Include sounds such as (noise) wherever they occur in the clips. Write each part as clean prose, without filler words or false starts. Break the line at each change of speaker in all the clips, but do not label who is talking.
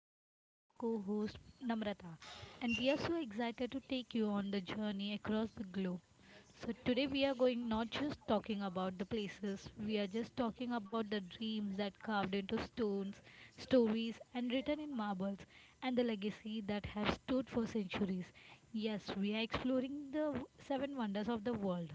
with me is my co-host Namrata, and we are so excited to take you on the journey across the globe. So today we are going not just talking about the places, we are just talking about the dreams that carved into stones, stories and written in marbles, and the legacy that have stood for centuries. Yes, we are exploring the seven wonders of the world.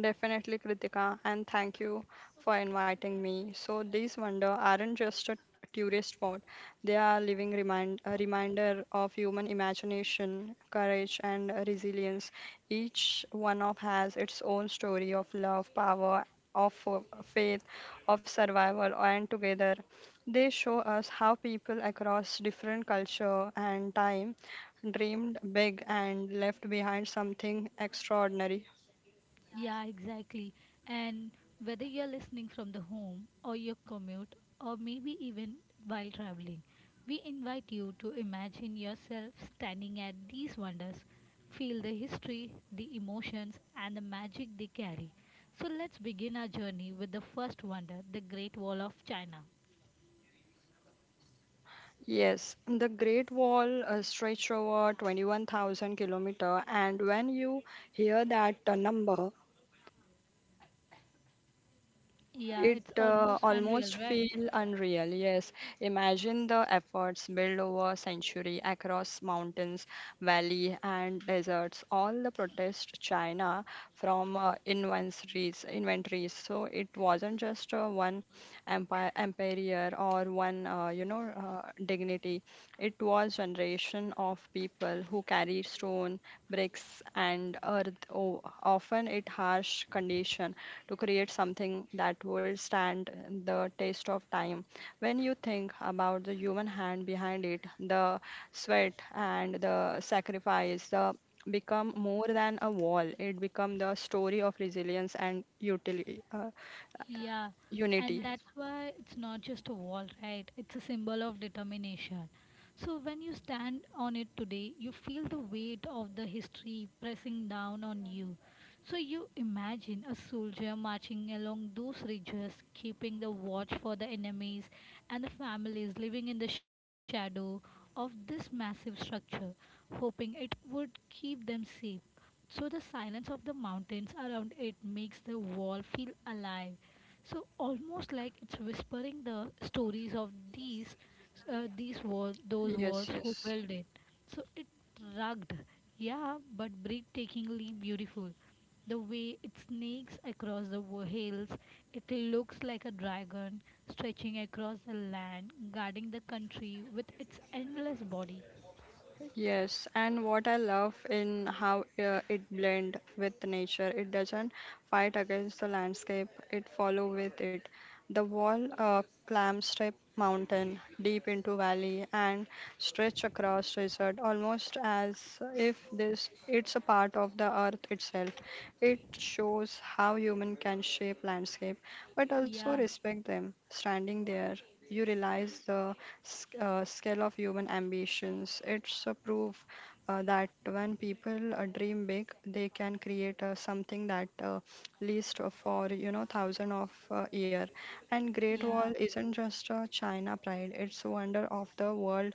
Definitely, Kritika, and thank you for inviting me. So, these wonder aren't just a tourist spot, they are living reminder of human imagination, courage, and resilience. Each one of has its own story of love, power, faith, of survival, and together they show us how people across different culture and time dreamed big and left behind something extraordinary.
Yeah, exactly. And whether you're listening from the home or your commute or maybe even while traveling, we invite you to imagine yourself standing at these wonders. Feel the history, the emotions, and the magic they carry. So let's begin our journey with the first wonder, the Great Wall of China.
Yes, the Great Wall stretched over 21,000 kilometer, and when you hear that number,
Yeah,
it
it's almost unreal,
almost
right?
feel unreal. Yes, imagine the efforts built over century across mountains, valley, and deserts. All the protest China from inventories. So it wasn't just one empire or one dignity. It was generation of people who carried stone, bricks, and earth, often in harsh condition, to create something that would stand the test of time. When you think about the human hand behind it, the sweat and the sacrifice, the become more than a wall. It become the story of resilience and
Yeah,
unity.
and that's why it's not just a wall, right? It's a symbol of determination. So when you stand on it today, you feel the weight of the history pressing down on you. So you imagine a soldier marching along those ridges, keeping the watch for the enemies and the families living in the shadow of this massive structure, hoping it would keep them safe. So the silence of the mountains around it makes the wall feel alive. So almost like it's whispering the stories of these walls, those
Yes,
walls who
yes.
built it. So it rugged, yeah, but breathtakingly beautiful. The way it snakes across the hills, it looks like a dragon stretching across the land, guarding the country with its endless body.
Yes, and what I love in how it blend with nature. It doesn't fight against the landscape. It follow with it. The wall climbs step mountain deep into valley and stretch across desert almost as if this it's a part of the earth itself. It shows how human can shape landscape but also
Yeah,
respect them. Standing there, you realize the scale of human ambitions. It's a proof that when people dream big, they can create something that lasts for you know thousand of year. And Great Wall
yeah.
isn't just a China pride; it's a wonder of the world.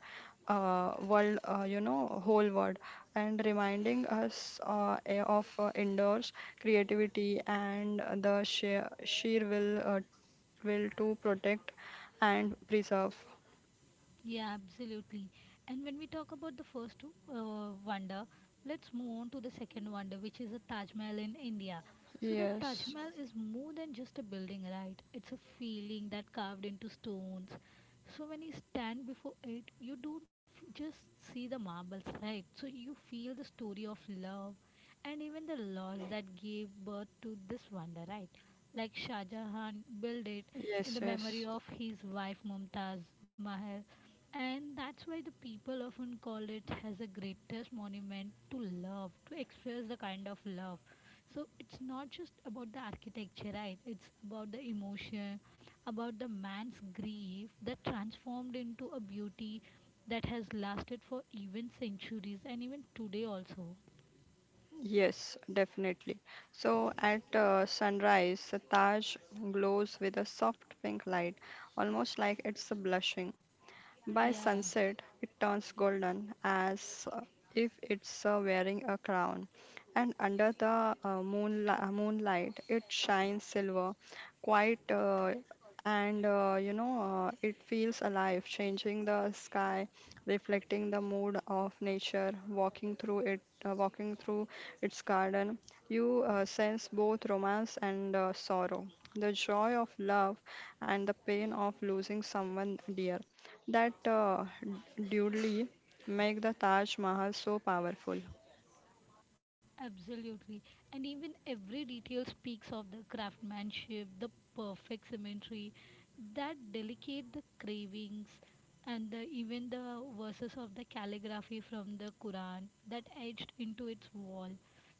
You know, whole world, and reminding us of indoors creativity and the sheer will to protect and preserve.
Yeah, absolutely. And when we talk about the first wonder, let's move on to the second wonder, which is the Taj Mahal in India. So the Taj
Yes,
Mahal is more than just a building, right? It's a feeling that carved into stones. So when you stand before it, you don't just see the marbles, right? So you feel the story of love and even the laws that gave birth to this wonder, right? Like Shah Jahan built it
yes,
in the
yes,
memory of his wife Mumtaz Mahal. And that's why the people often call it as the greatest monument to love, to express the kind of love. So it's not just about the architecture, right? It's about the emotion, about the man's grief that transformed into a beauty that has lasted for even centuries and even today also.
yes, definitely. So at sunrise, the Taj glows with a soft pink light, almost like it's blushing. By
Yeah.
sunset, it turns golden as if it's wearing a crown, and under the moonlight, it shines silver, quite and you know, it feels alive, changing the sky, reflecting the mood of nature, walking through its garden. You sense both romance and sorrow, the joy of love and the pain of losing someone dear that duly make the Taj Mahal so powerful.
Absolutely. And even every detail speaks of the craftsmanship, the perfect symmetry, that delicate the cravings and the, even the verses of the calligraphy from the Quran that etched into its wall.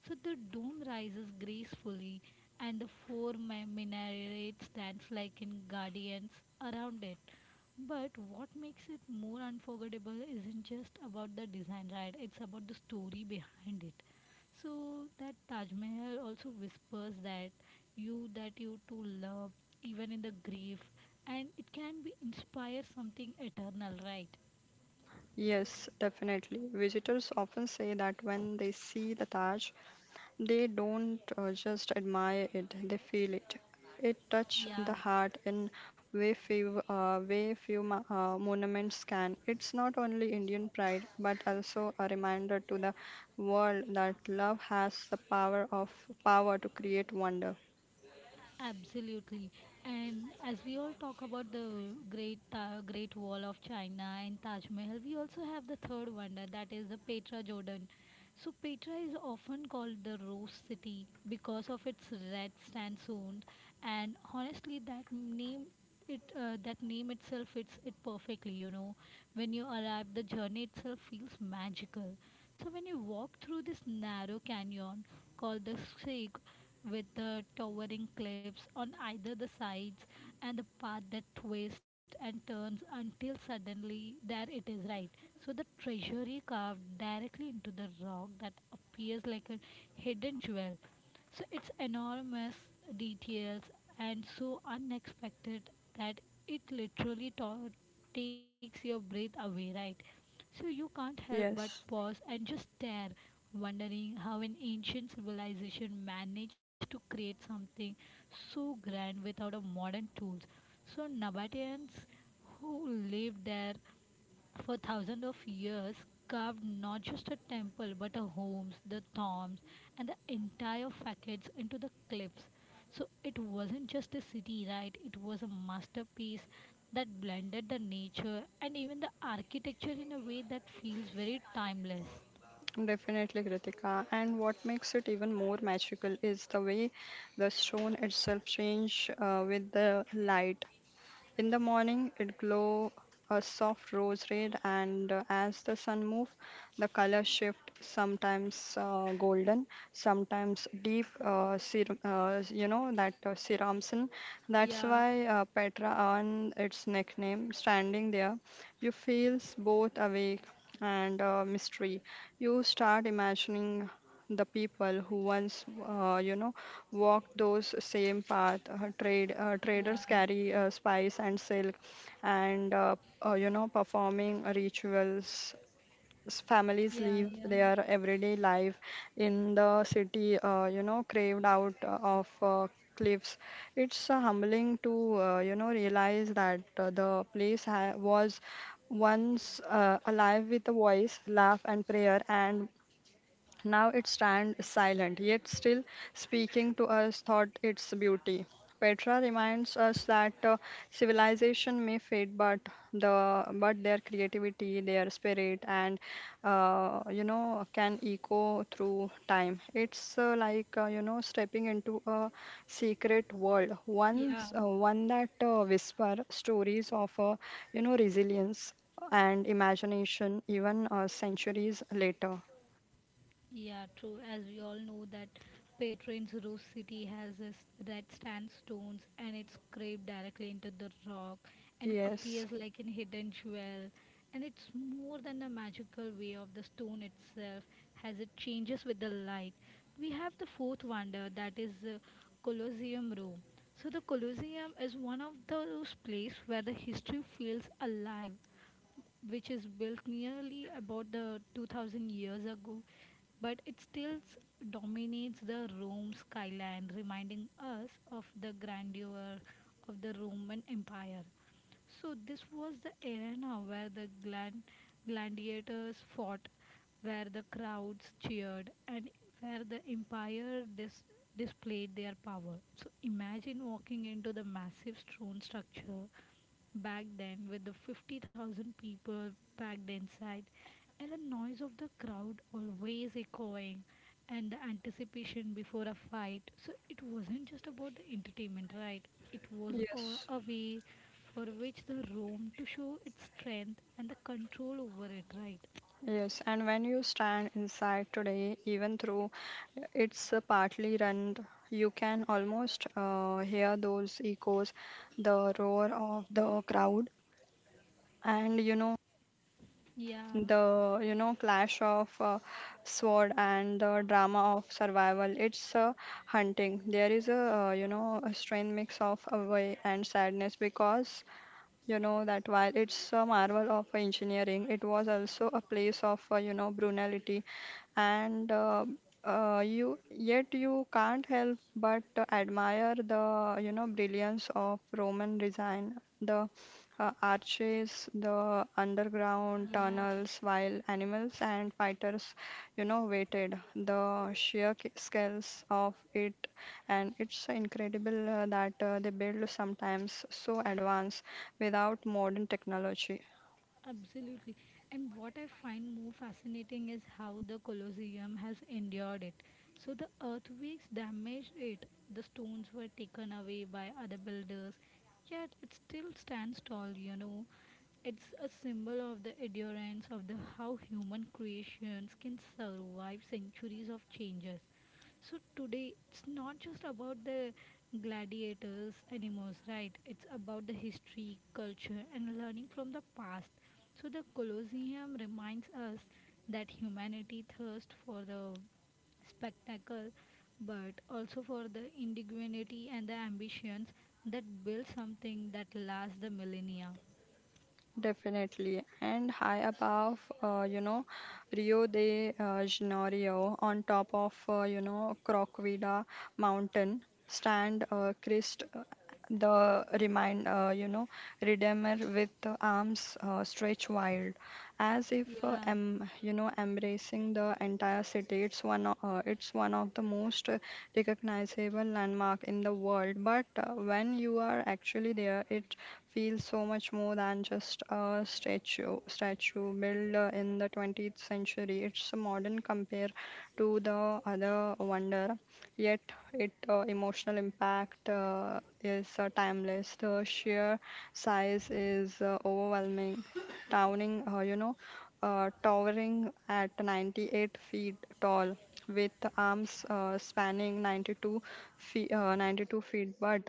So the dome rises gracefully and the four minarets stands like in guardians around it. But what makes it more unforgettable isn't just about the design, right? It's about the story behind it. So that Taj Mahal also whispers that you to love even in the grief and it can be inspire something eternal, right?
Yes, definitely. Visitors often say that when they see the Taj, they don't just admire it, they feel it. It touches the
Yeah.
heart in way few monuments can. It's not only Indian pride, but also a reminder to the world that love has the power to create wonder.
Absolutely. And as we all talk about the Great Wall of China and Taj Mahal, we also have the third wonder that is the Petra Jordan. So Petra is often called the Rose City because of its red sandstone and honestly that name it that name itself fits it perfectly, you know. When you arrive, the journey itself feels magical. So when you walk through this narrow canyon called the Sig, with the towering cliffs on either the sides and the path that twists and turns until suddenly there it is, right, so the treasury carved directly into the rock that appears like a hidden jewel. So it's enormous details and so unexpected that it takes your breath away, right? So you can't help but
Yes.
pause and just stare, wondering how an ancient civilization managed to create something so grand without a modern tools. So Nabateans who lived there for thousands of years, carved not just a temple but a homes, the tombs, and the entire facades into the cliffs. So it wasn't just a city, right? It was a masterpiece that blended the nature and even the architecture in a way that feels very timeless.
Definitely, Kritika. And what makes it even more magical is the way the stone itself change with the light. In the morning, it glow a soft rose red, and as the sun move, the color shift. Sometimes golden, sometimes deep. You know that ceramson. That's
Yeah,
why Petra earned its nickname. Standing there, you feels both awake and mystery. You start imagining the people who once you know walked those same path
yeah,
traders carry spice and silk and you know performing rituals families
yeah,
live
yeah,
their everyday life in the city you know craved out of cliffs it's humbling to you know realize that the was once alive with a voice laugh and prayer and now it stands silent, yet still speaking to us thought its beauty. Petra reminds us that civilization may fade, but the but their creativity, their spirit, and you know can echo through time. It's you know stepping into a secret world,
yeah.
once one that whisper stories of you know resilience and imagination, even centuries later.
Yeah, true. As we all know that Patron's roof city has this red sandstones and it's scraped directly into the rock and
Yes.
appears like an hidden jewel. And it's more than the magical way of the stone itself as it changes with the light. We have the fourth wonder that is the Colosseum Rome. So the Colosseum is one of those places where the history feels alive, which is built nearly about the 2000 years ago, but it dominates the Rome skyline, reminding us of the grandeur of the Roman Empire. So, this was the arena where the gladiators fought, where the crowds cheered, and where the empire displayed their power. So, imagine walking into the massive stone structure back then with the 50,000 people packed inside and the noise of the crowd always echoing and the anticipation before a fight. So it wasn't just about the entertainment, right? It was a,
Yes,
a way for which the room to show its strength and the control over it, right?
yes, and when you stand inside today, even though it's partly run, you can almost hear those echoes, the roar of the crowd, and you know
Yeah,
the you know clash of sword and the drama of survival. It's hunting. There is a you know a strange mix of joy and sadness because you know that while it's a marvel of engineering, it was also a place of you know brutality, and you yet you can't help but to admire the you know brilliance of Roman design, the arches, the underground
yeah,
tunnels, while animals and fighters, you know, waited. The scales of it, and it's incredible that they build sometimes so advanced without modern technology
absolutely. And what I find more fascinating is how the Colosseum has endured it. So the earthquakes damaged it, the stones were taken away by other builders, yet it still stands tall, you know. It's a symbol of the endurance of the how human creations can survive centuries of changes. So today it's not just about the gladiators, animals, right? It's about the history, culture, and learning from the past. So the Colosseum reminds us that humanity thirsts for the spectacle, but also for the indigenuity and the ambitions that build something that lasts the millennia.
definitely and high above you know rio de janeiro on top of you know crocvida mountain stand christ the remind you know redeemer with the arms stretched wide as if
Yeah.
you know embracing the entire city it's one of the most recognizable landmark in the world but when you are actually there it feels so much more than just a statue built in the 20th century it's a modern compare to the other wonder yet it emotional impact is timeless the sheer size is overwhelming towering you know towering at 98 feet tall with arms spanning 92 feet, but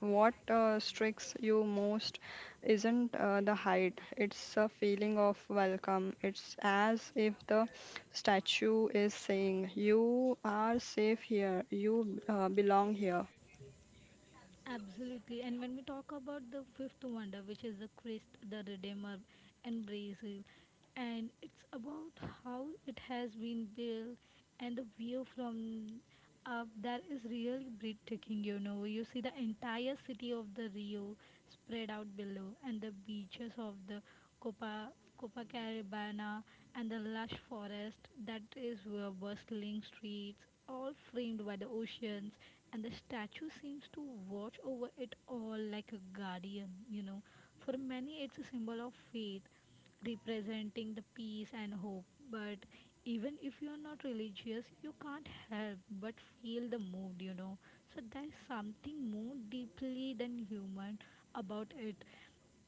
what strikes you most isn't the height, it's a feeling of welcome. It's as if the statue is saying, you are safe here, you belong here.
Absolutely. And when we talk about the fifth wonder, which is the Christ, the Redeemer, and Brazil, and it's about how it has been built and the view from up that is really breathtaking. You know, you see the entire city of the Rio, spread out below, and the beaches of the Copa, Copacabana and the lush forest that is where bustling streets, all framed by the oceans, and the statue seems to watch over it all like a guardian, you know. For many, it's a symbol of faith, representing the peace and hope. But even if you're not religious, you can't help but feel the mood, you know. So there's something more deeply than human about it.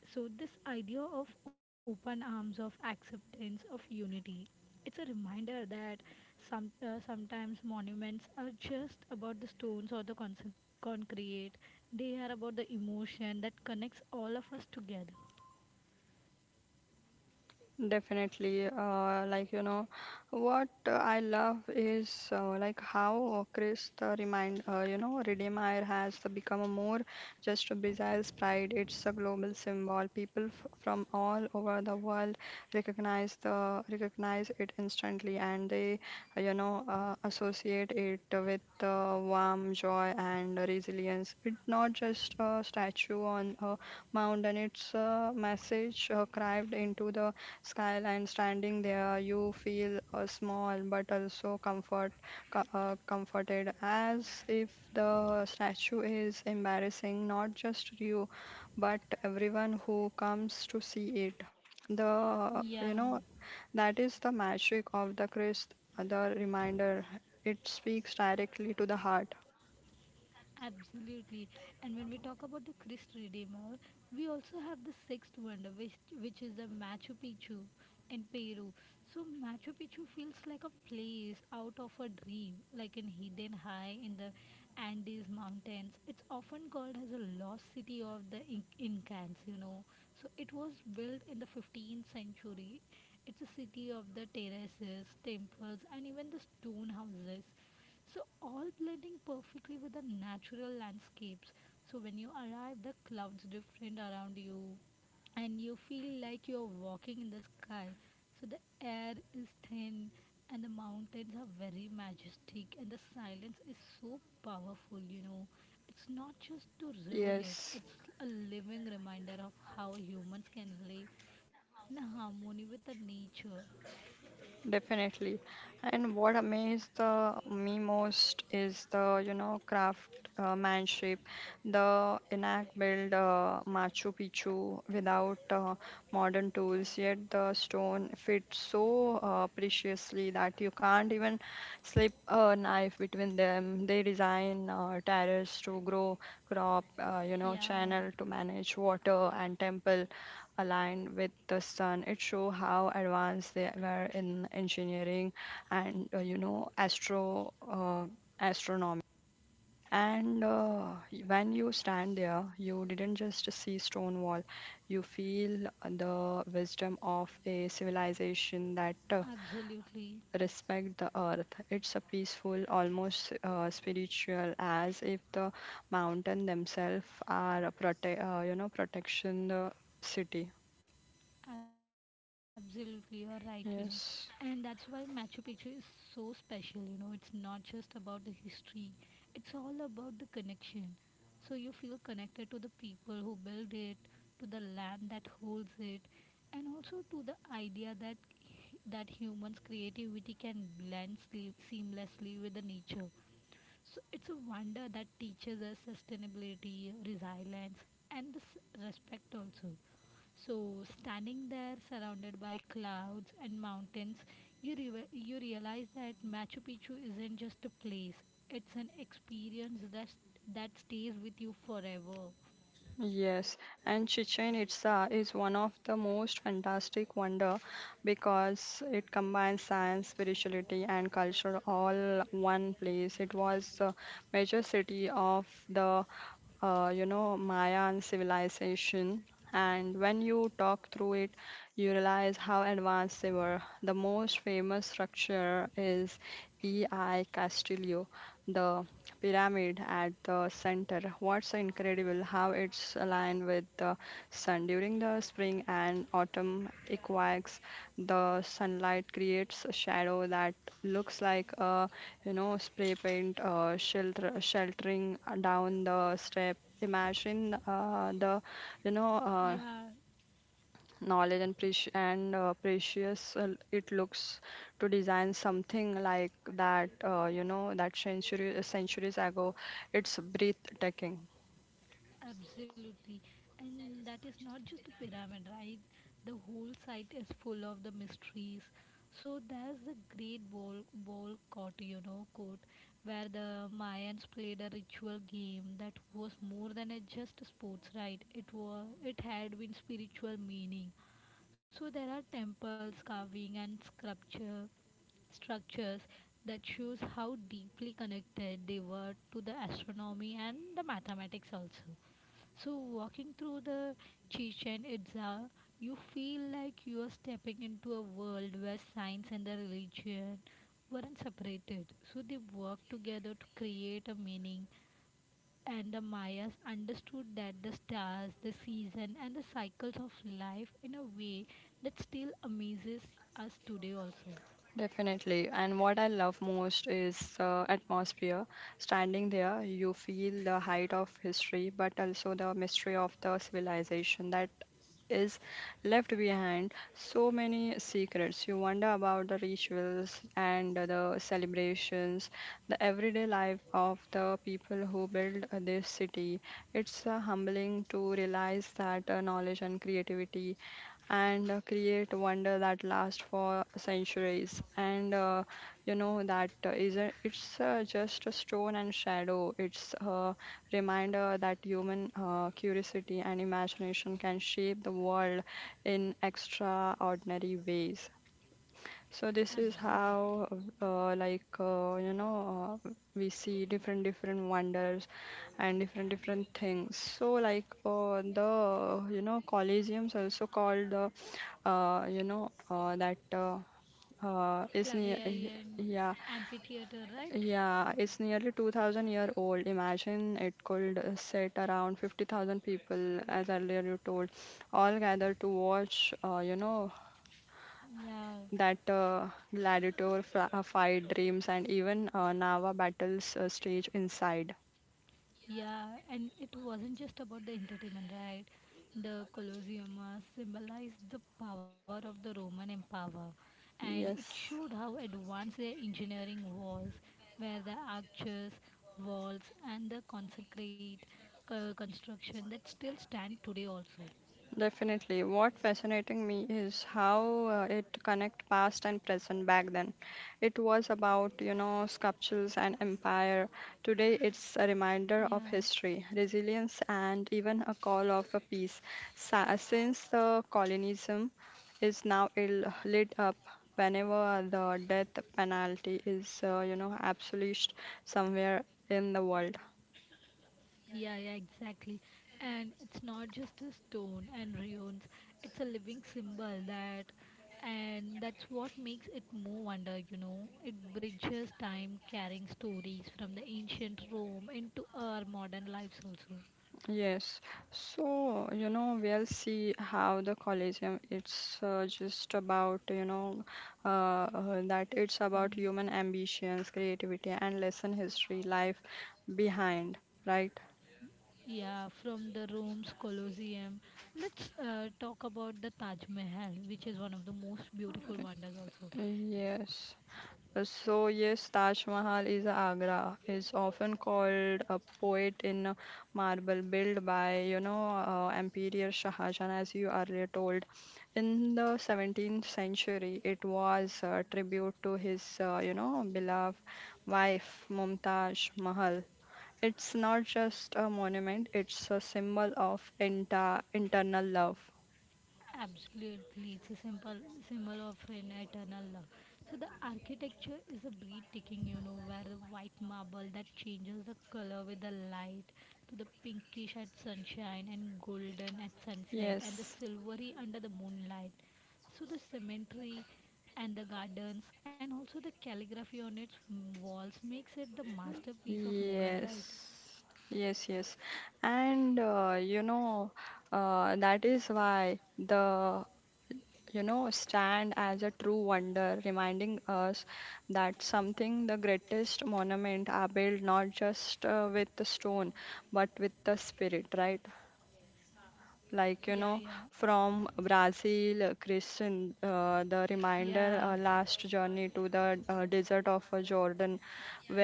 So, this idea of open arms, of acceptance, of unity, it's a reminder that sometimes monuments are just about the stones or the concrete. They are about the emotion that connects all of us together.
Definitely, what I love is like how Chris the remind you know Redeemer has become a more just a bizarre pride. It's a global symbol. People f from all over the world recognize it instantly, and they associate it with warm joy and resilience. It's not just a statue on a mountain. It's a message carved into the skyline standing there you feel small but also comforted as if the statue is embarrassing not just you but everyone who comes to see it the
Yeah.
you know that is the magic of the christ the reminder it speaks directly to the heart
Absolutely. And when we talk about the Christ Redeemer, we also have the sixth wonder, which is the Machu Picchu in Peru. So Machu Picchu feels like a place out of a dream, like in hidden high in the Andes mountains. It's often called as a lost city of the Incans, you know. So it was built in the 15th century. It's a city of the terraces, temples, and even the stone houses. So all blending perfectly with the natural landscapes. So when you arrive, the clouds different around you, and you feel like you're walking in the sky. So the air is thin, and the mountains are very majestic, and the silence is so powerful. You know, it's not just to ruin it;
yes
it's a living reminder of how humans can live in harmony with the nature.
definitely. And what amazed me most is the, you know, craft manship. The Enac built Machu Picchu without modern tools, yet the stone fits so preciously that you can't even slip a knife between them. They design terrace to grow crop, you know,
Yeah,
channel to manage water and temple aligned with the sun. It show how advanced they were in engineering and you know astronomy. And when you stand there, you didn't just see stone wall. You feel the wisdom of a civilization that
absolutely.
respect the earth. It's a peaceful, almost spiritual, as if the mountain themselves are a you know protection the city.
Absolutely, you are right, you know. And that's why
Yes.
Machu Picchu is so special, you know. It's not just about the history, it's all about the connection. So you feel connected to the people who build it, to the land that holds it, and also to the idea that humans' creativity can blend seamlessly with the nature. So it's a wonder that teaches us sustainability, resilience, and this respect also. So, standing there surrounded by clouds and mountains, you realize that Machu Picchu isn't just a place, it's an experience that stays with you forever.
Yes, and Chichen Itza is one of the most fantastic wonder because it combines science, spirituality, and culture all one place. It was the major city of the you know Mayan civilization, and when you talk through it, you realize how advanced they were. The most famous structure is E.I. Castillo, the pyramid at the center. What's incredible how it's aligned with the sun during the spring and autumn equinox. The sunlight creates a shadow that looks like a you know spray paint sheltering down the step. Imagine the you know
Yeah,
knowledge and precious it looks to design something like that you know that century centuries ago it's breathtaking
absolutely. And that is not just the pyramid, right? The whole site is full of the mysteries. So there's the great ball ball court, you know, court where the Mayans played a ritual game that was more than a just sports, right? It had been spiritual meaning. So there are temples, carving and sculpture structures that shows how deeply connected they were to the astronomy and the mathematics also. So, walking through the Chichen Itza, you feel like you are stepping into a world where science and the religion weren't separated. So, they worked together to create a meaning, and the Mayas understood that the stars, the season, and the cycles of life in a way that still amazes us today, also.
definitely. And what I love most is atmosphere. Standing there, you feel the height of history, but also the mystery of the civilization that is left behind. So many secrets. You wonder about the rituals and the celebrations, the everyday life of the people who built this city. It's humbling to realize that knowledge and creativity and create wonder that lasts for centuries. And you know that isn't it's just a stone and shadow. It's a reminder that human curiosity and imagination can shape the world in extraordinary ways. So this is
Absolutely.
how, uh, like uh, you know, uh, we see different wonders and different things. So like the you know Colosseum's also called the you know that is near
Flavian
yeah
amphitheater, right?
yeah it's nearly 2000 year old. Imagine it could sit around 50,000 people as earlier you told, all gathered to watch you know
Yeah.
that fight dreams and even Nava battles stage inside.
Yeah, and it wasn't just about the entertainment, right? The Colosseum symbolized the power of the Roman empire, and it showed
Yes.
how advanced their engineering was, where the arches, walls, and the concrete construction that still stand today also.
Definitely. What fascinating me is how it connect past and present back then. It was about, sculptures and empire. Today it's a reminder
Yeah.
of history, resilience, and even a call of a peace. Since the colonialism is now lit up whenever the death penalty is, abolished somewhere in the world.
Yeah, yeah, exactly. And it's not just a stone and ruins, it's a living symbol that and that's what makes it move under, you know. It bridges time carrying stories from the ancient Rome into our modern lives also.
Yes, so we'll see how the Colosseum. It's just about you know that it's about
Mm,
human ambitions, creativity, and lesson history, life behind, right?
yeah, from the Rome's Colosseum. Let's talk about the Taj Mahal, which is one of the most beautiful wonders also.
Yes. So yes, Taj Mahal is Agra. It's often called a poet in marble, built by Emperor Shah Jahan, as you earlier told. In the 17th century, it was a tribute to his beloved wife Mumtaz Mahal. It's not just a monument; it's a symbol of internal love.
Absolutely, it's a simple symbol of an eternal love. So the architecture is a breathtaking, you know, where the white marble that changes the color with the light to the pinkish at sunshine and golden at sunset and the
Yes.
silvery under the moonlight. So the cemetery and the gardens and also the calligraphy on its walls makes it the masterpiece of Mughal, right?
Yes, yes, yes. And that is why the stand as a true wonder, reminding us that something, the greatest monument are built not just with the stone, but with the spirit, right? Like
Yeah, yeah,
from Brazil, Christian, the reminder,
yeah,
last journey to the desert of Jordan,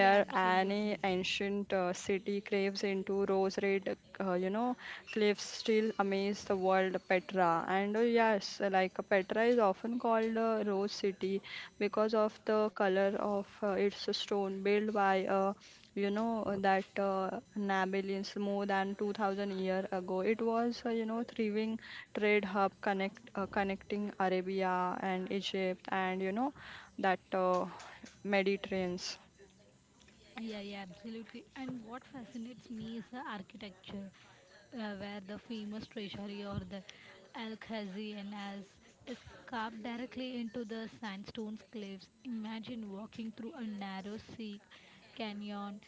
yeah,
any
absolutely.
ancient city craves into rose red, cliffs still amaze the world. Petra, and yes, like, Petra is often called Rose City because of the color of its stone, built by a you know that Nabilans more than 2,000 year ago. It was, thriving trade hub connecting Arabia and Egypt and you know that Mediterranean.
Yeah, yeah, absolutely. And what fascinates me is the architecture, where the famous treasury or the Al-Khazi as is carved directly into the sandstone cliffs. Imagine walking through a narrow sea canyon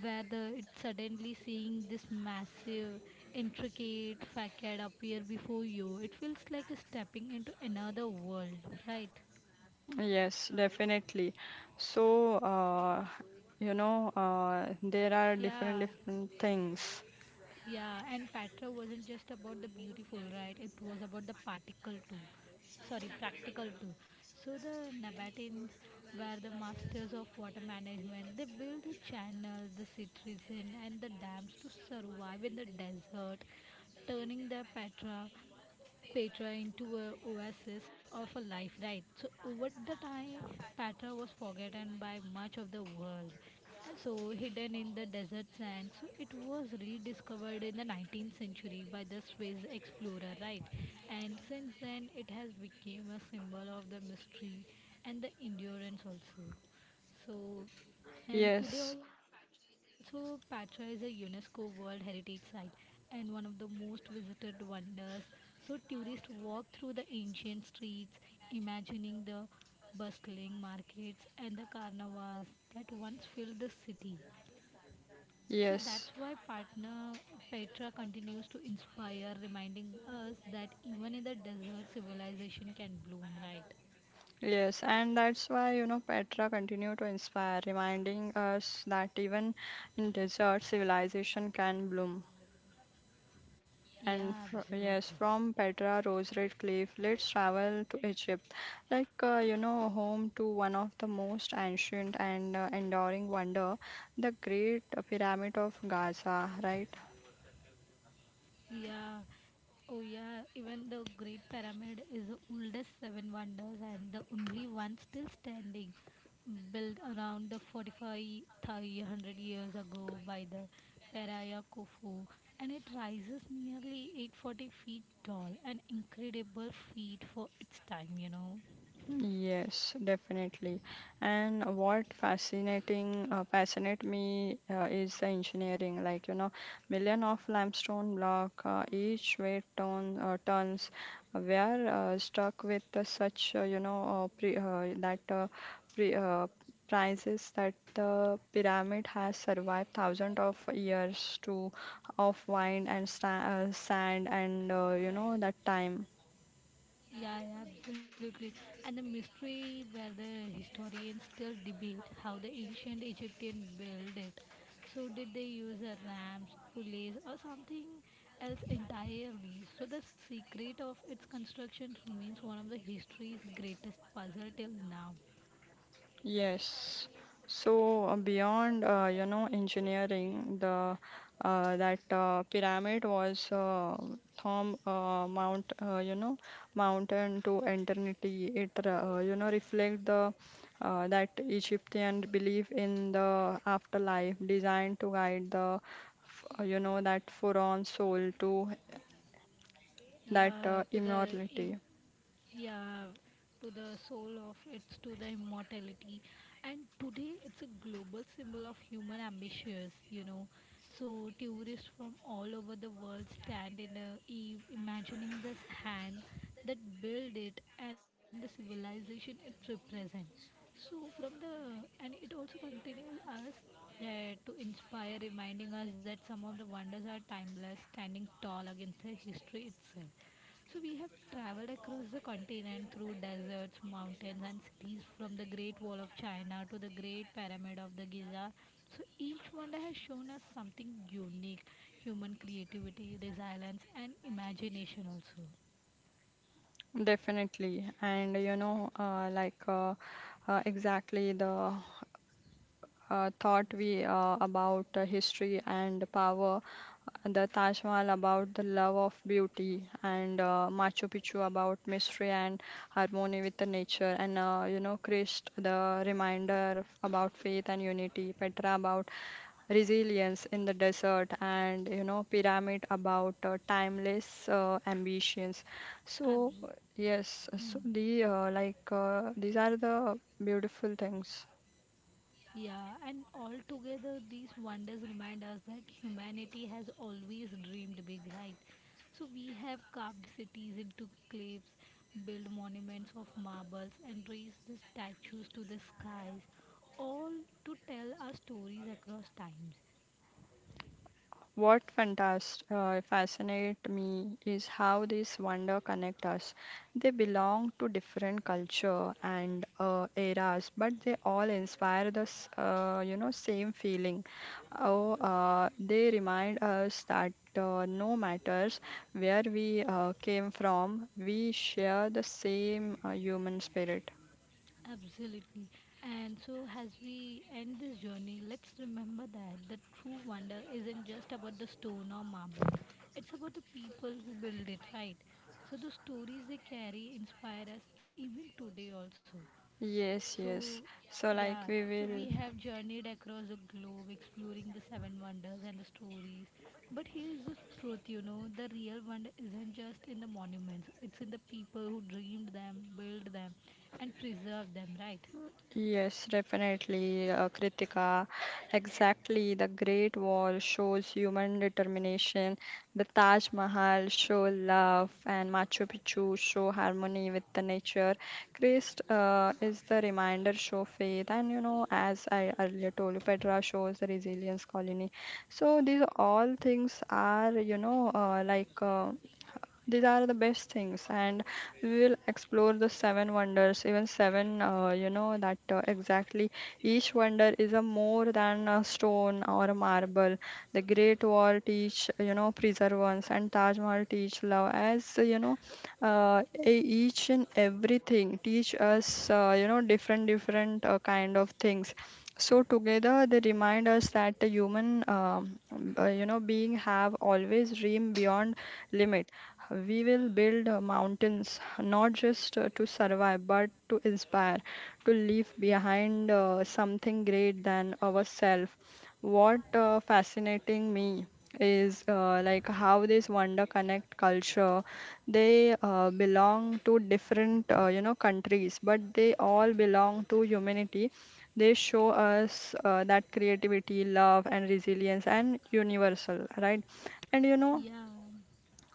where the it's suddenly seeing this massive, intricate facade appear before you. It feels like stepping into another world, right?
Yes, definitely. So there are different
Yeah.
different things.
Yeah, and Patra wasn't just about the beautiful, right? It was about the particle too. Sorry, practical too. So the Nabateans were the masters of water management. They built the channels, the cities, and the dams to survive in the desert, turning the Petra into a oasis of a life, right? So over the time, Petra was forgotten by much of the world. And so hidden in the desert sand, so it was rediscovered in the 19th century by the space explorer, right? And since then, it has become a symbol of the mystery and the endurance also. So, and today
Yes,
also Patra is a UNESCO World Heritage Site and one of the most visited wonders. So tourists walk through the ancient streets, imagining the bustling markets and the carnivals that once filled the city. So
yes.
that's why partner Petra continues to inspire, reminding us that even in the desert, civilization can bloom, right?
Yes, and that's why, Petra continue to inspire, reminding us that even in desert, civilization can bloom. And
Yeah,
fr yes,
absolutely.
from Petra Rose Red Cliff, let's travel to Egypt, like, home to one of the most ancient and enduring wonder, the Great Pyramid of Giza, right?
Yeah. Oh, yeah. Even the Great Pyramid is the oldest seven wonders and the only one still standing, built around the 45,300 years ago by the Peraya Khufu. And it rises nearly 840 feet tall, an incredible feat for its time, you know.
Yes, definitely. And what fascinating fascinate me is the engineering. Like million of limestone block, each weight tons. We are stuck with such you know pre that pre prices that the pyramid has survived thousands of years to of wine and sta sand and that time.
Yeah, yeah, absolutely. And the mystery where the historians still debate how the ancient Egyptian built it. So did they use a ramps, pulleys or something else entirely? So the secret of its construction remains one of the history's greatest puzzle till now.
Yes. So beyond engineering, the that pyramid was from mountain to eternity. It reflect the that Egyptian belief in the afterlife, designed to guide the f- you know that forlorn soul to that
Yeah, to the
immortality.
im- yeah, to the soul of it's to the immortality, and today it's a global symbol of human ambitions, you know. So tourists from all over the world stand in a eve imagining this hand that built it and the civilization it represents. So from the and it also continues us there to inspire, reminding us that some of the wonders are timeless standing tall against the history itself. So, we have traveled across the continent through deserts, mountains, and cities from the Great Wall of China to the Great Pyramid of the Giza. So, each wonder has shown us something unique human creativity, resilience, and imagination also.
Definitely, and exactly the thought we about history and power, the Taj Mahal about the love of beauty, and Machu Picchu about mystery and harmony with the nature, and Christ the reminder about faith and unity, Petra about resilience in the desert, and pyramid about timeless ambitions. So
Absolutely.
yes, so the these are the beautiful things.
Yeah, and altogether, these wonders remind us that humanity has always dreamed big, right? So we have carved cities into cliffs, built monuments of marbles, and raised the statues to the skies, all to tell our stories across times.
What fascinate me is how these wonder connect us. They belong to different culture and eras, but they all inspire the same feeling. Oh, they remind us that no matters where we came from, we share the same human spirit.
Absolutely. And so, as we end this journey, let's remember that the true wonder isn't just about the stone or marble, it's about the people who build it, right? So, the stories they carry inspire us even today, also. So,
Yes, yes. So
yeah,
like we
so we
will.
have journeyed across the globe exploring the seven wonders and the stories. But here's the truth, you know, the real wonder isn't just in the monuments, it's in the people who dreamed them, built them, and preserved them, right?
Yes, definitely, Kritika. Exactly, the Great Wall shows human determination. The Taj Mahal show love, and Machu Picchu show harmony with the nature. Christ is the reminder show faith, and as I earlier told you, Petra shows the resilience colony. So these all things are, these are the best things, and we will explore the seven wonders, even seven, you know, that exactly each wonder is a more than a stone or a marble. The Great Wall teach, perseverance, and Taj Mahal teach love. As each and everything teach us, different, different kind of things. So together they remind us that the human, being have always dream beyond limits. We will build mountains not just to survive but to inspire, to leave behind something great than ourselves. What fascinating me is how this wonder connect culture. They belong to different countries, but they all belong to humanity. They show us that creativity, love, and resilience and universal, right? And
Yeah,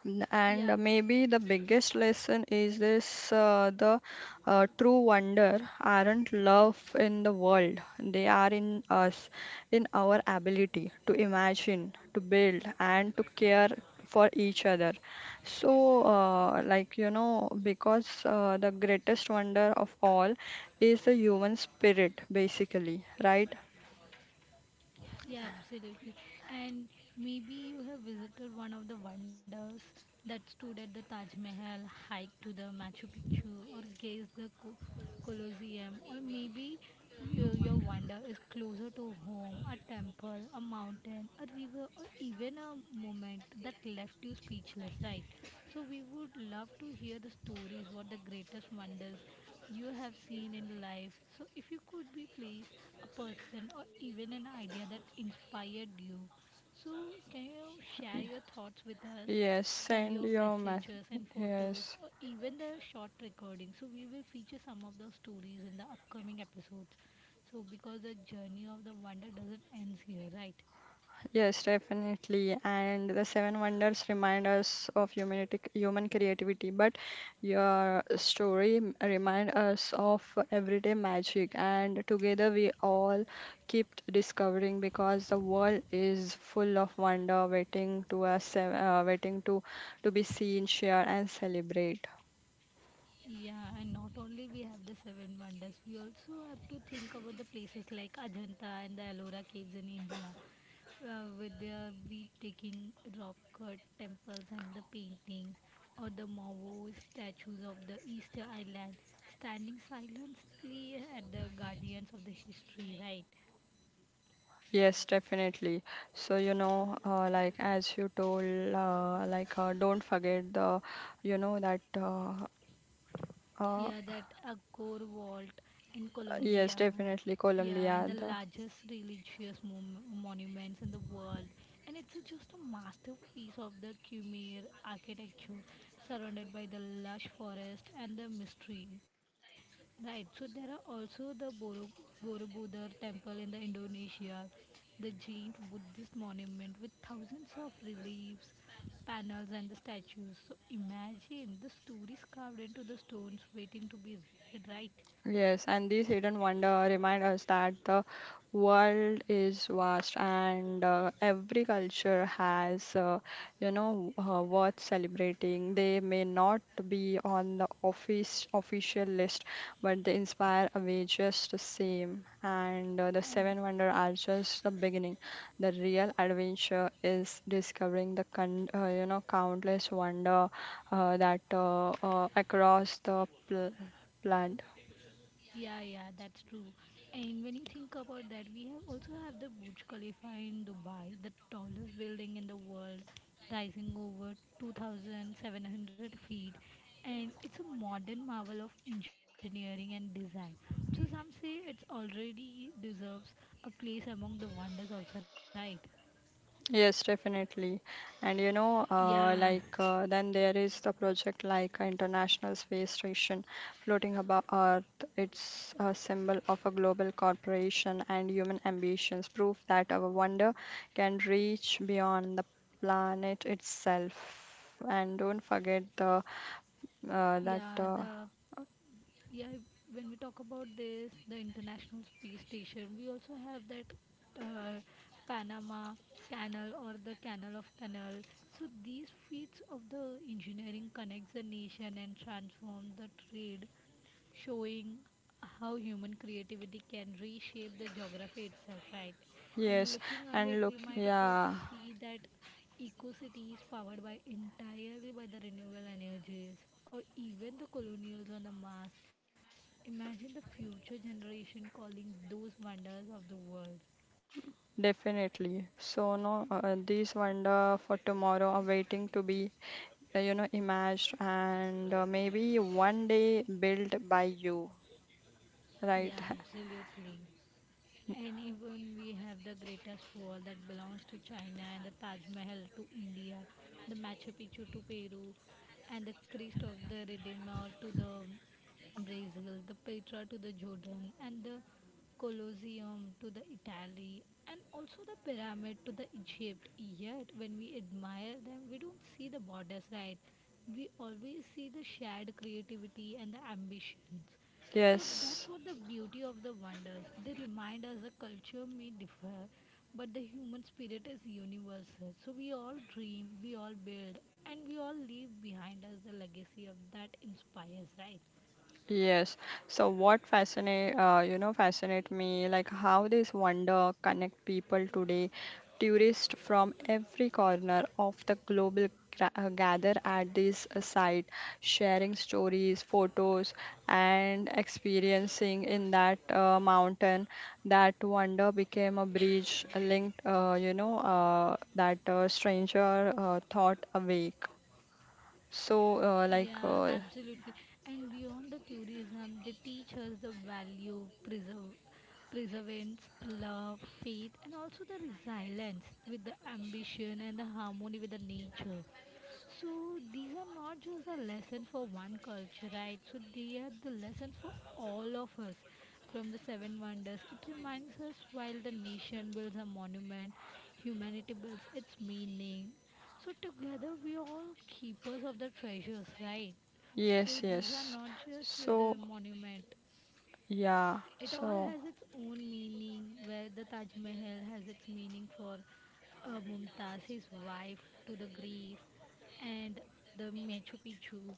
yeah.
Maybe the biggest lesson is this the true wonder aren't love in the world, they are in us, in our ability to imagine, to build, and to care for each other. So, because the greatest wonder of all is the human spirit, basically, right?
Yeah, absolutely. And maybe you have visited one of the wonders that stood at the Taj Mahal, hiked to the Machu Picchu, or gazed the Co- Colosseum, or maybe your wonder is closer to home, a temple, a mountain, a river, or even a moment that left you speechless, right? So we would love to hear the stories, what the greatest wonders you have seen in life. So, if you could be, please, a person or even an idea that inspired you, so can you share your thoughts with us?
Yes,
Send
send
your
your message.
messages and photos,
Yes.
or even the short recording. So, we will feature some of those stories in the upcoming episodes. So, because the journey of the wonder doesn't end here, right?
Yes, definitely. And the seven wonders remind us of humanity, human creativity, but your story remind us of everyday magic. And together we all keep discovering because the world is full of wonder, waiting to us, waiting to be seen, share, and celebrate.
Yeah, and not only we have the seven wonders, we also have to think about the places like Ajanta and the Ellora caves in India with their breathtaking rock cut temples and the paintings, or the Mavo statues of the Easter Island standing silently at the guardians of the history, right?
Yes, definitely. So as you told, don't forget the, you know that. Uh,
Yeah, that Angkor Vault in
Yes,
Colombia.
definitely
Yeah, and
Colombia.
the
The,
largest religious mom- monuments in the world. And it's a- just a masterpiece of the Khmer architecture, surrounded by the lush forest and the mystery. Right, so there are also the Boro- Borobudur temple in the Indonesia, the giant Buddhist monument with thousands of reliefs panels and the statues. So imagine the stories carved into the stones waiting to be read, right?
yes, and these hidden wonder remind us that the world is vast and every culture has, worth celebrating. They may not be on the office official list, but they inspire away just the same. And the
And
seven wonder are just the beginning. The real adventure is discovering the countless wonder that across the plant.
yeah, yeah, that's true. And when you think about that, we have also have the Burj Khalifa in Dubai, the tallest building in the world, rising over 2,700 feet, and it's a modern marvel of engineering and design. So some say it's already deserves a place among the wonders, also, right?
Yes, definitely. And
Yeah,
then there is the project like International Space Station floating above Earth. It's a symbol of a global corporation and human ambitions, proof that our wonder can reach beyond the planet itself. And don't forget the that
yeah, the yeah if- when we talk about this the international space station we also have that uh, panama canal or the canal of tunnel, so these feats of the engineering connects the nation and transforms the trade, showing how human creativity can reshape the geography itself, right? And
yes,
looking
and
ahead,
look,
we might also
yeah.
see that eco-city is powered by entirely by the renewable energies or even the colonials on the Mars. Imagine the future generation calling those wonders of the world.
Definitely. So no, these wonder for tomorrow are waiting to be imagined and maybe one day built by you,
Yeah,
right? (laughs)
absolutely. And even we have the greatest wall that belongs to China and the Taj Mahal to India, the Machu Picchu to Peru, and the Christ of the Redeemer to the Brazil, the Petra to the Jordan, and the Colosseum to the Italy, and also the pyramid to the Egypt. Yet, when we admire them, we don't see the borders, right? We always see the shared creativity and the ambitions. So that's
Yes,
what the beauty of the wonders. They remind us the culture may differ, but the human spirit is universal. So we all dream, we all build, and we all leave behind us the legacy of that inspires, right?
yes. So what fascinate you know fascinate me like how this wonder connect people today. Tourists from every corner of the global gather at this site, sharing stories, photos, and experiencing in that mountain. That wonder became a bridge linked, you know, that stranger thought awake. So
Yeah, absolutely. And beyond the tourism, they teach us the value, preserve, preservance, love, faith, and also the resilience with the ambition and the harmony with the nature. So these are not just the lesson for one culture, right? So they are the lessons for all of us from the seven wonders. It reminds us while the nation builds a monument, humanity builds its meaning. So together we all keepers of the treasures, right? So
yes,
these are
yes.
not just with
So
the monument.
yeah,
It all
so
has its own meaning where the Taj Mahal has its meaning for Mumtaz, his wife to the grief and the Machu Picchu,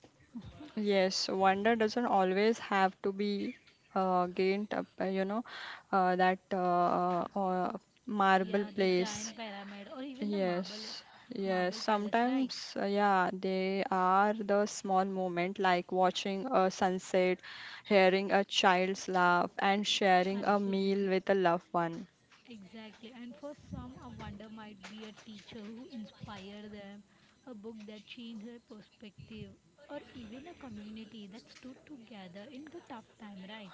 yes, wonder doesn't always have to be gained up, you know, that marble
yeah, the
place.
giant pyramid or even the marble
Yes, yes,
marble palace, right?
sometimes, yeah, they are the small moment like watching a sunset, hearing a child's laugh, and sharing a meal
Absolutely.
with a loved one.
Exactly. And for some, a wonder might be a teacher who inspired them, a book that changed their perspective, or even a community that stood together in the tough time, right?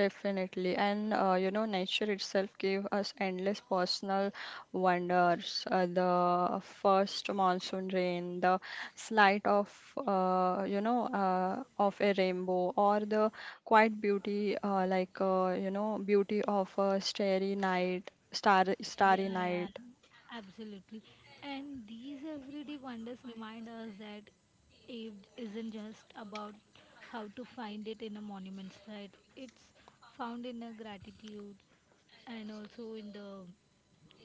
Definitely, and nature itself gave us endless personal wonders. The first monsoon rain, the sight of of a rainbow, or the quiet beauty, beauty of a starry night, starry
Yeah, yeah,
night.
absolutely. And these everyday wonders remind us that age isn't just about how to find it in a monument, right? It's found in a gratitude, and also in the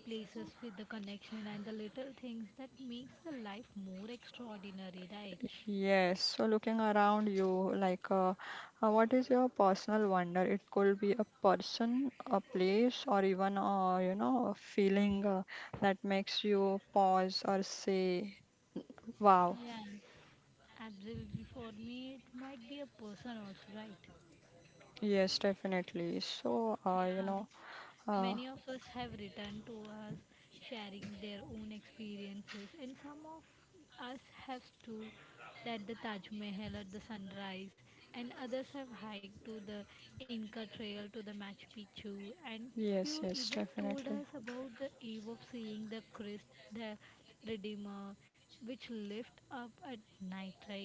places with the connection and the little things that makes the life more extraordinary, right?
Yes, so looking around you, like, what is your personal wonder? It could be a person, a place, or even, a feeling that makes you pause or say, wow.
Yeah, absolutely, for me it might be a person also, right?
Yes, definitely. So,
Yeah,
uh,
many of us have returned to us sharing their own experiences, and some of us have stood at the Taj Mahal at the sunrise, and others have hiked to the Inca Trail to the Machu Picchu, and few
yes, yes,
even told us
definitely.
about the eve of seeing the Christ, the Redeemer, which lift up at night, right?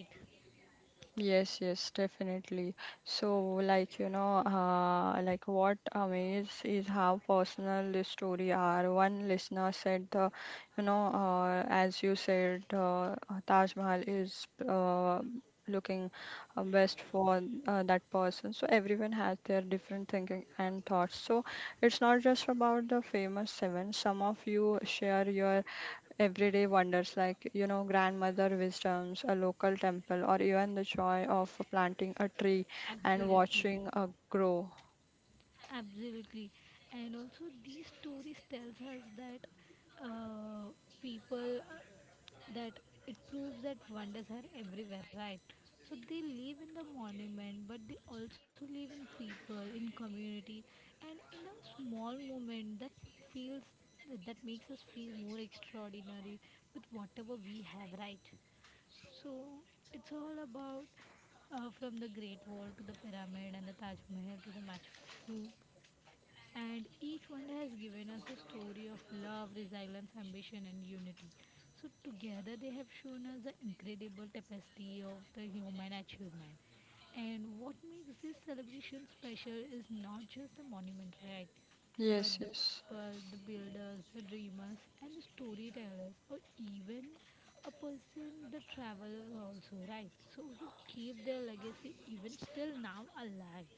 Yes, yes, definitely. So, like, what amazes is how personal the story are. One listener said, as you said, Taj Mahal is looking best for that person. So, everyone has their different thinking and thoughts. So, it's not just about the famous seven. Some of you share your everyday wonders like, grandmother wisdoms, a local temple, or even the joy of planting a tree and
Absolutely.
watching it grow.
Absolutely, and also these stories tells us that uh, people that it proves that wonders are everywhere, right? So they live in the monument, but they also live in people, in community, and in a small moment that feels that makes us feel more extraordinary with whatever we have, right? So it's all about from the Great Wall to the pyramid and the Taj Mahal to the Machu Picchu, and each one has given us a story of love, resilience, ambition, and unity. So, together they have shown us the incredible tapestry of the human achievement. And what makes this celebration special is not just the monument, right? But
Yes,
the
yes.
people, the builders, the dreamers, and the storytellers, or even a person, the traveler, also, right? So, who keep their legacy even still now alive.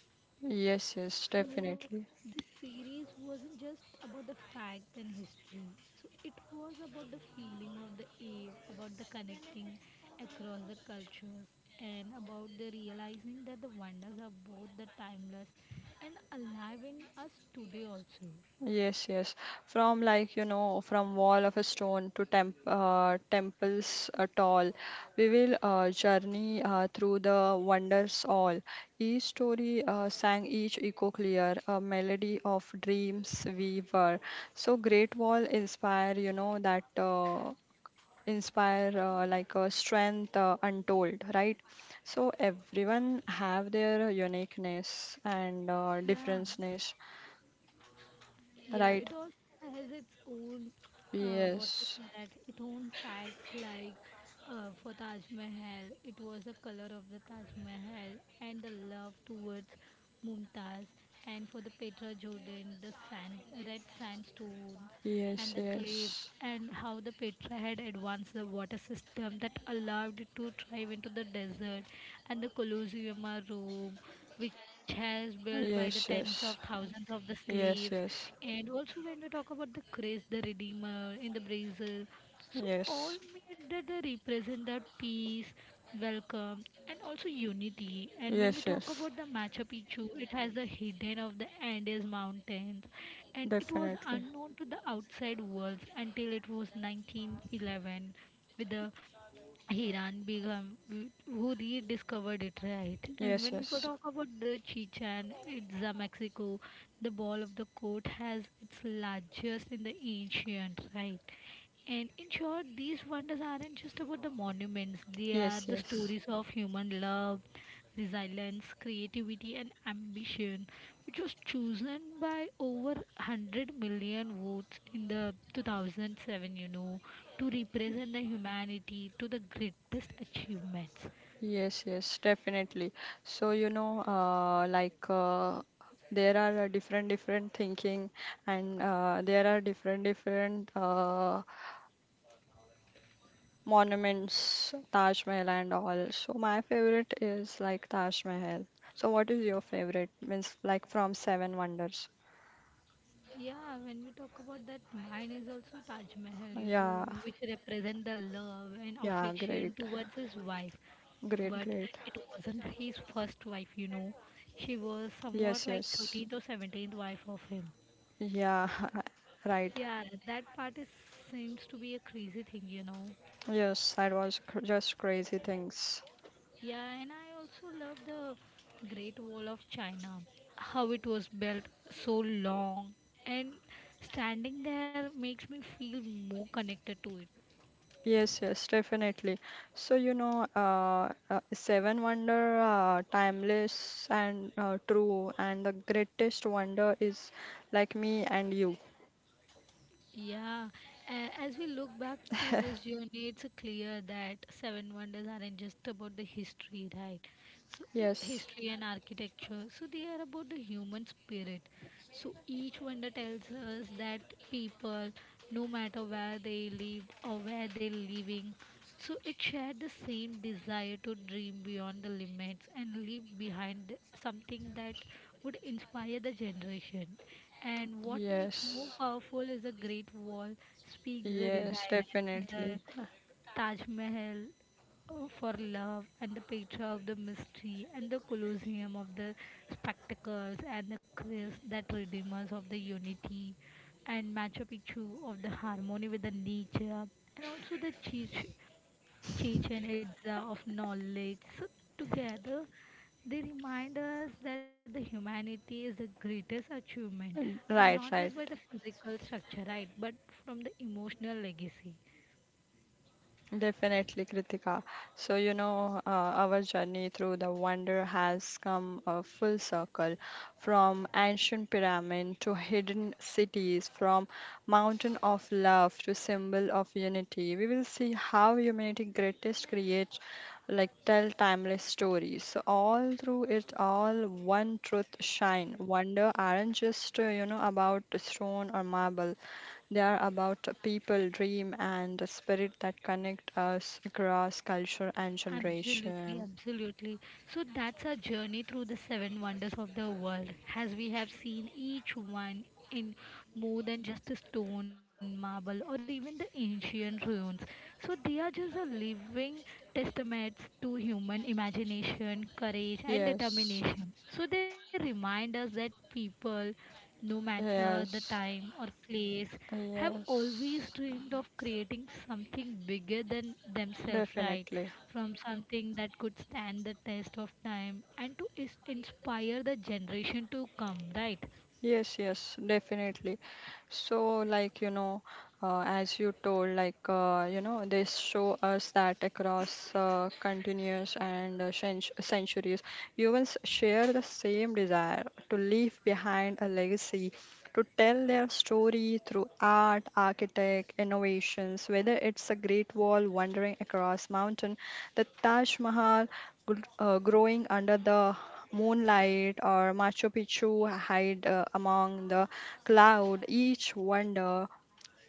Yes, yes,
So
definitely.
this series wasn't just about the fact and history. So it was about the feeling of the awe, about the connecting across the cultures, and about the realizing that the wonders are both the timeless and alive in us today also.
Yes, yes. From like, from wall of a stone to temples tall, we will journey through the wonders all. Each story sang each echo clear, a melody of dreams we were. So Great Wall inspire, you know, that inspire a strength untold, right? So everyone have their uniqueness and
Yeah,
differenceness,
yeah,
right?
it also has its own, what to
Yes.
say that, its own facts like for Taj Mahal, it was the color of the Taj Mahal and the love towards Mumtaz, and for the Petra Jordan, the sand, red sandstones,
Yes,
and the cliffs,
yes,
and how the Petra had advanced the water system that allowed it to thrive into the desert, and the Colosseum are Rome which has built by the tens
yes,
of
yes,
thousands of the slaves.
yes, yes,
And also when we talk about the Christ the Redeemer in the Brazil, so all
yes,
made that they represent that peace, welcome, and also unity. And when we
yes,
talk
yes,
about the Machu Picchu, it has the hidden of the Andes mountains, and it was
definitely.
unknown to the outside world until it was 1911 with the Hiran Begum who rediscovered it, right? And
Yes,
when we go
yes,
talk about the Chichen Itza, Mexico, the ball of the court has its largest in the ancient, right? And in short, these wonders aren't just about the monuments, they are
yes,
the
yes,
stories of human love, resilience, creativity, and ambition, which was chosen by over 100 million votes in the 2007, you know, to represent the humanity to the greatest achievements.
yes, yes, definitely. So, there are different, different thinking, and there are different, different monuments, Taj Mahal and all. So, my favorite is like Taj Mahal. So, what is your favorite? Means, like from Seven Wonders.
Yeah, when we talk about that, mine is also Taj Mahal, you know,
Yeah.
which represent the love and
Yeah,
affection
great,
towards his wife.
great,
But
great.
it wasn't his first wife, you know. She was somewhat
Yes,
like
yes.
13th or 17th wife of him.
Yeah, (laughs) right.
Yeah, that part is seems to be a crazy thing, you know.
Yes, that was just crazy things.
Yeah, and I also love the Great Wall of China. How it was built so long and standing there makes me feel more connected to it.
Yes, yes, definitely. So, Seven Wonder, timeless and true, and the greatest wonder is like me and you. (laughs)
Yeah, as we look back to this journey, it's clear that Seven Wonders aren't just about the history, right? So,
Yes,
history and architecture, so they are about the human spirit. So, each wonder tells us that people, no matter where they lived or where they're living, so it shared the same desire to dream beyond the limits and leave behind something that would inspire the generation. And what makes more
yes,
powerful is the Great Wall speaks the
yes,
resilience, the
definitely.
Taj Mahal for love, and the Petra of the mystery, and the Colosseum of the spectacles, and the Christ that redeemers of the unity, and Machu Picchu of the harmony with the nature, and also the church Chichen Itza of knowledge. So together they remind us that the humanity is the greatest achievement, and not
Right,
just by
right.
the physical structure, right, but from the emotional legacy.
Definitely, Kritika. So, our journey through the wonder has come a full circle, from ancient pyramid to hidden cities, from mountain of love to symbol of unity. We will see how humanity greatest creates like tell timeless stories. So all through it all one truth shine. Wonder aren't just about stone or marble. They are about people, dream, and the spirit that connect us across culture and
Absolutely,
generation.
absolutely. So that's our journey through the seven wonders of the world, as we have seen each one in more than just a stone, marble, or even the ancient ruins. So they are just a living testaments to human imagination, courage, and
Yes,
determination. So they remind us that people, no matter the
yes,
time or place, have always
yes,
dreamed of creating something bigger than themselves, right?
definitely.
From something that could stand the test of time, and to inspire the generation to come, right?
Yes, yes, definitely. So, like, as you told, like, they show us that across continuous and centuries, humans share the same desire to leave behind a legacy, to tell their story through art, architect, innovations, whether it's a Great Wall wandering across mountain, the Taj Mahal growing under the moonlight, or Machu Picchu hide among the cloud. Each wonder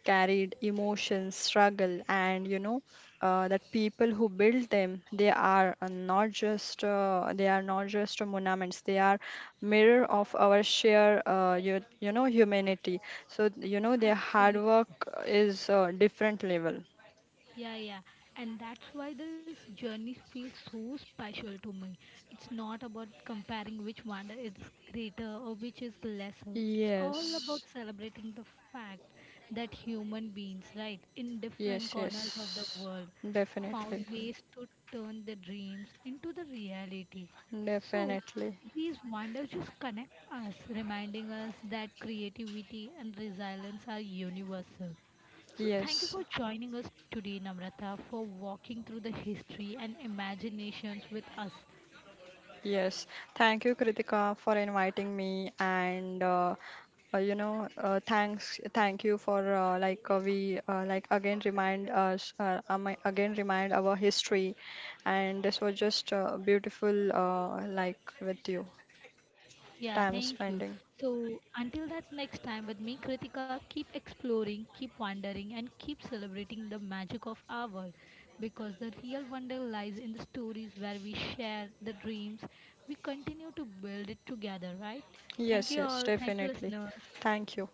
carried emotions, struggle, and that people who build them, they are not just they are not just monuments. They are mirror of our you know humanity. So their hard
Absolutely.
work is different level.
Yeah, yeah. And that's why this journey feels so special to me. It's not about comparing which wonder is greater or which is lesser. It's all
Yes,
about celebrating the fact that human beings, right, in different
yes,
corners of the
yes,
world, found
definitely,
ways to turn their dreams into the reality. So,
definitely,
these wonders just connect us, reminding us that creativity and resilience are universal. So, thank you
yes.
for joining us today, Namrata, for walking through the history and imaginations with us.
Yes, thank you, Kritika, for inviting me. And thank you for like we like again remind us again remind our history, and this was just beautiful with you
Yeah,
time
thank you.
spending.
So, until that next time, with me, Kritika, keep exploring, keep wondering, and keep celebrating the magic of our world because the real wonder lies in the stories where we share the dreams. We continue to build it together, right? Thank
Yes,
you
yes,
all. Thank you,
definitely,
listeners.
thank you.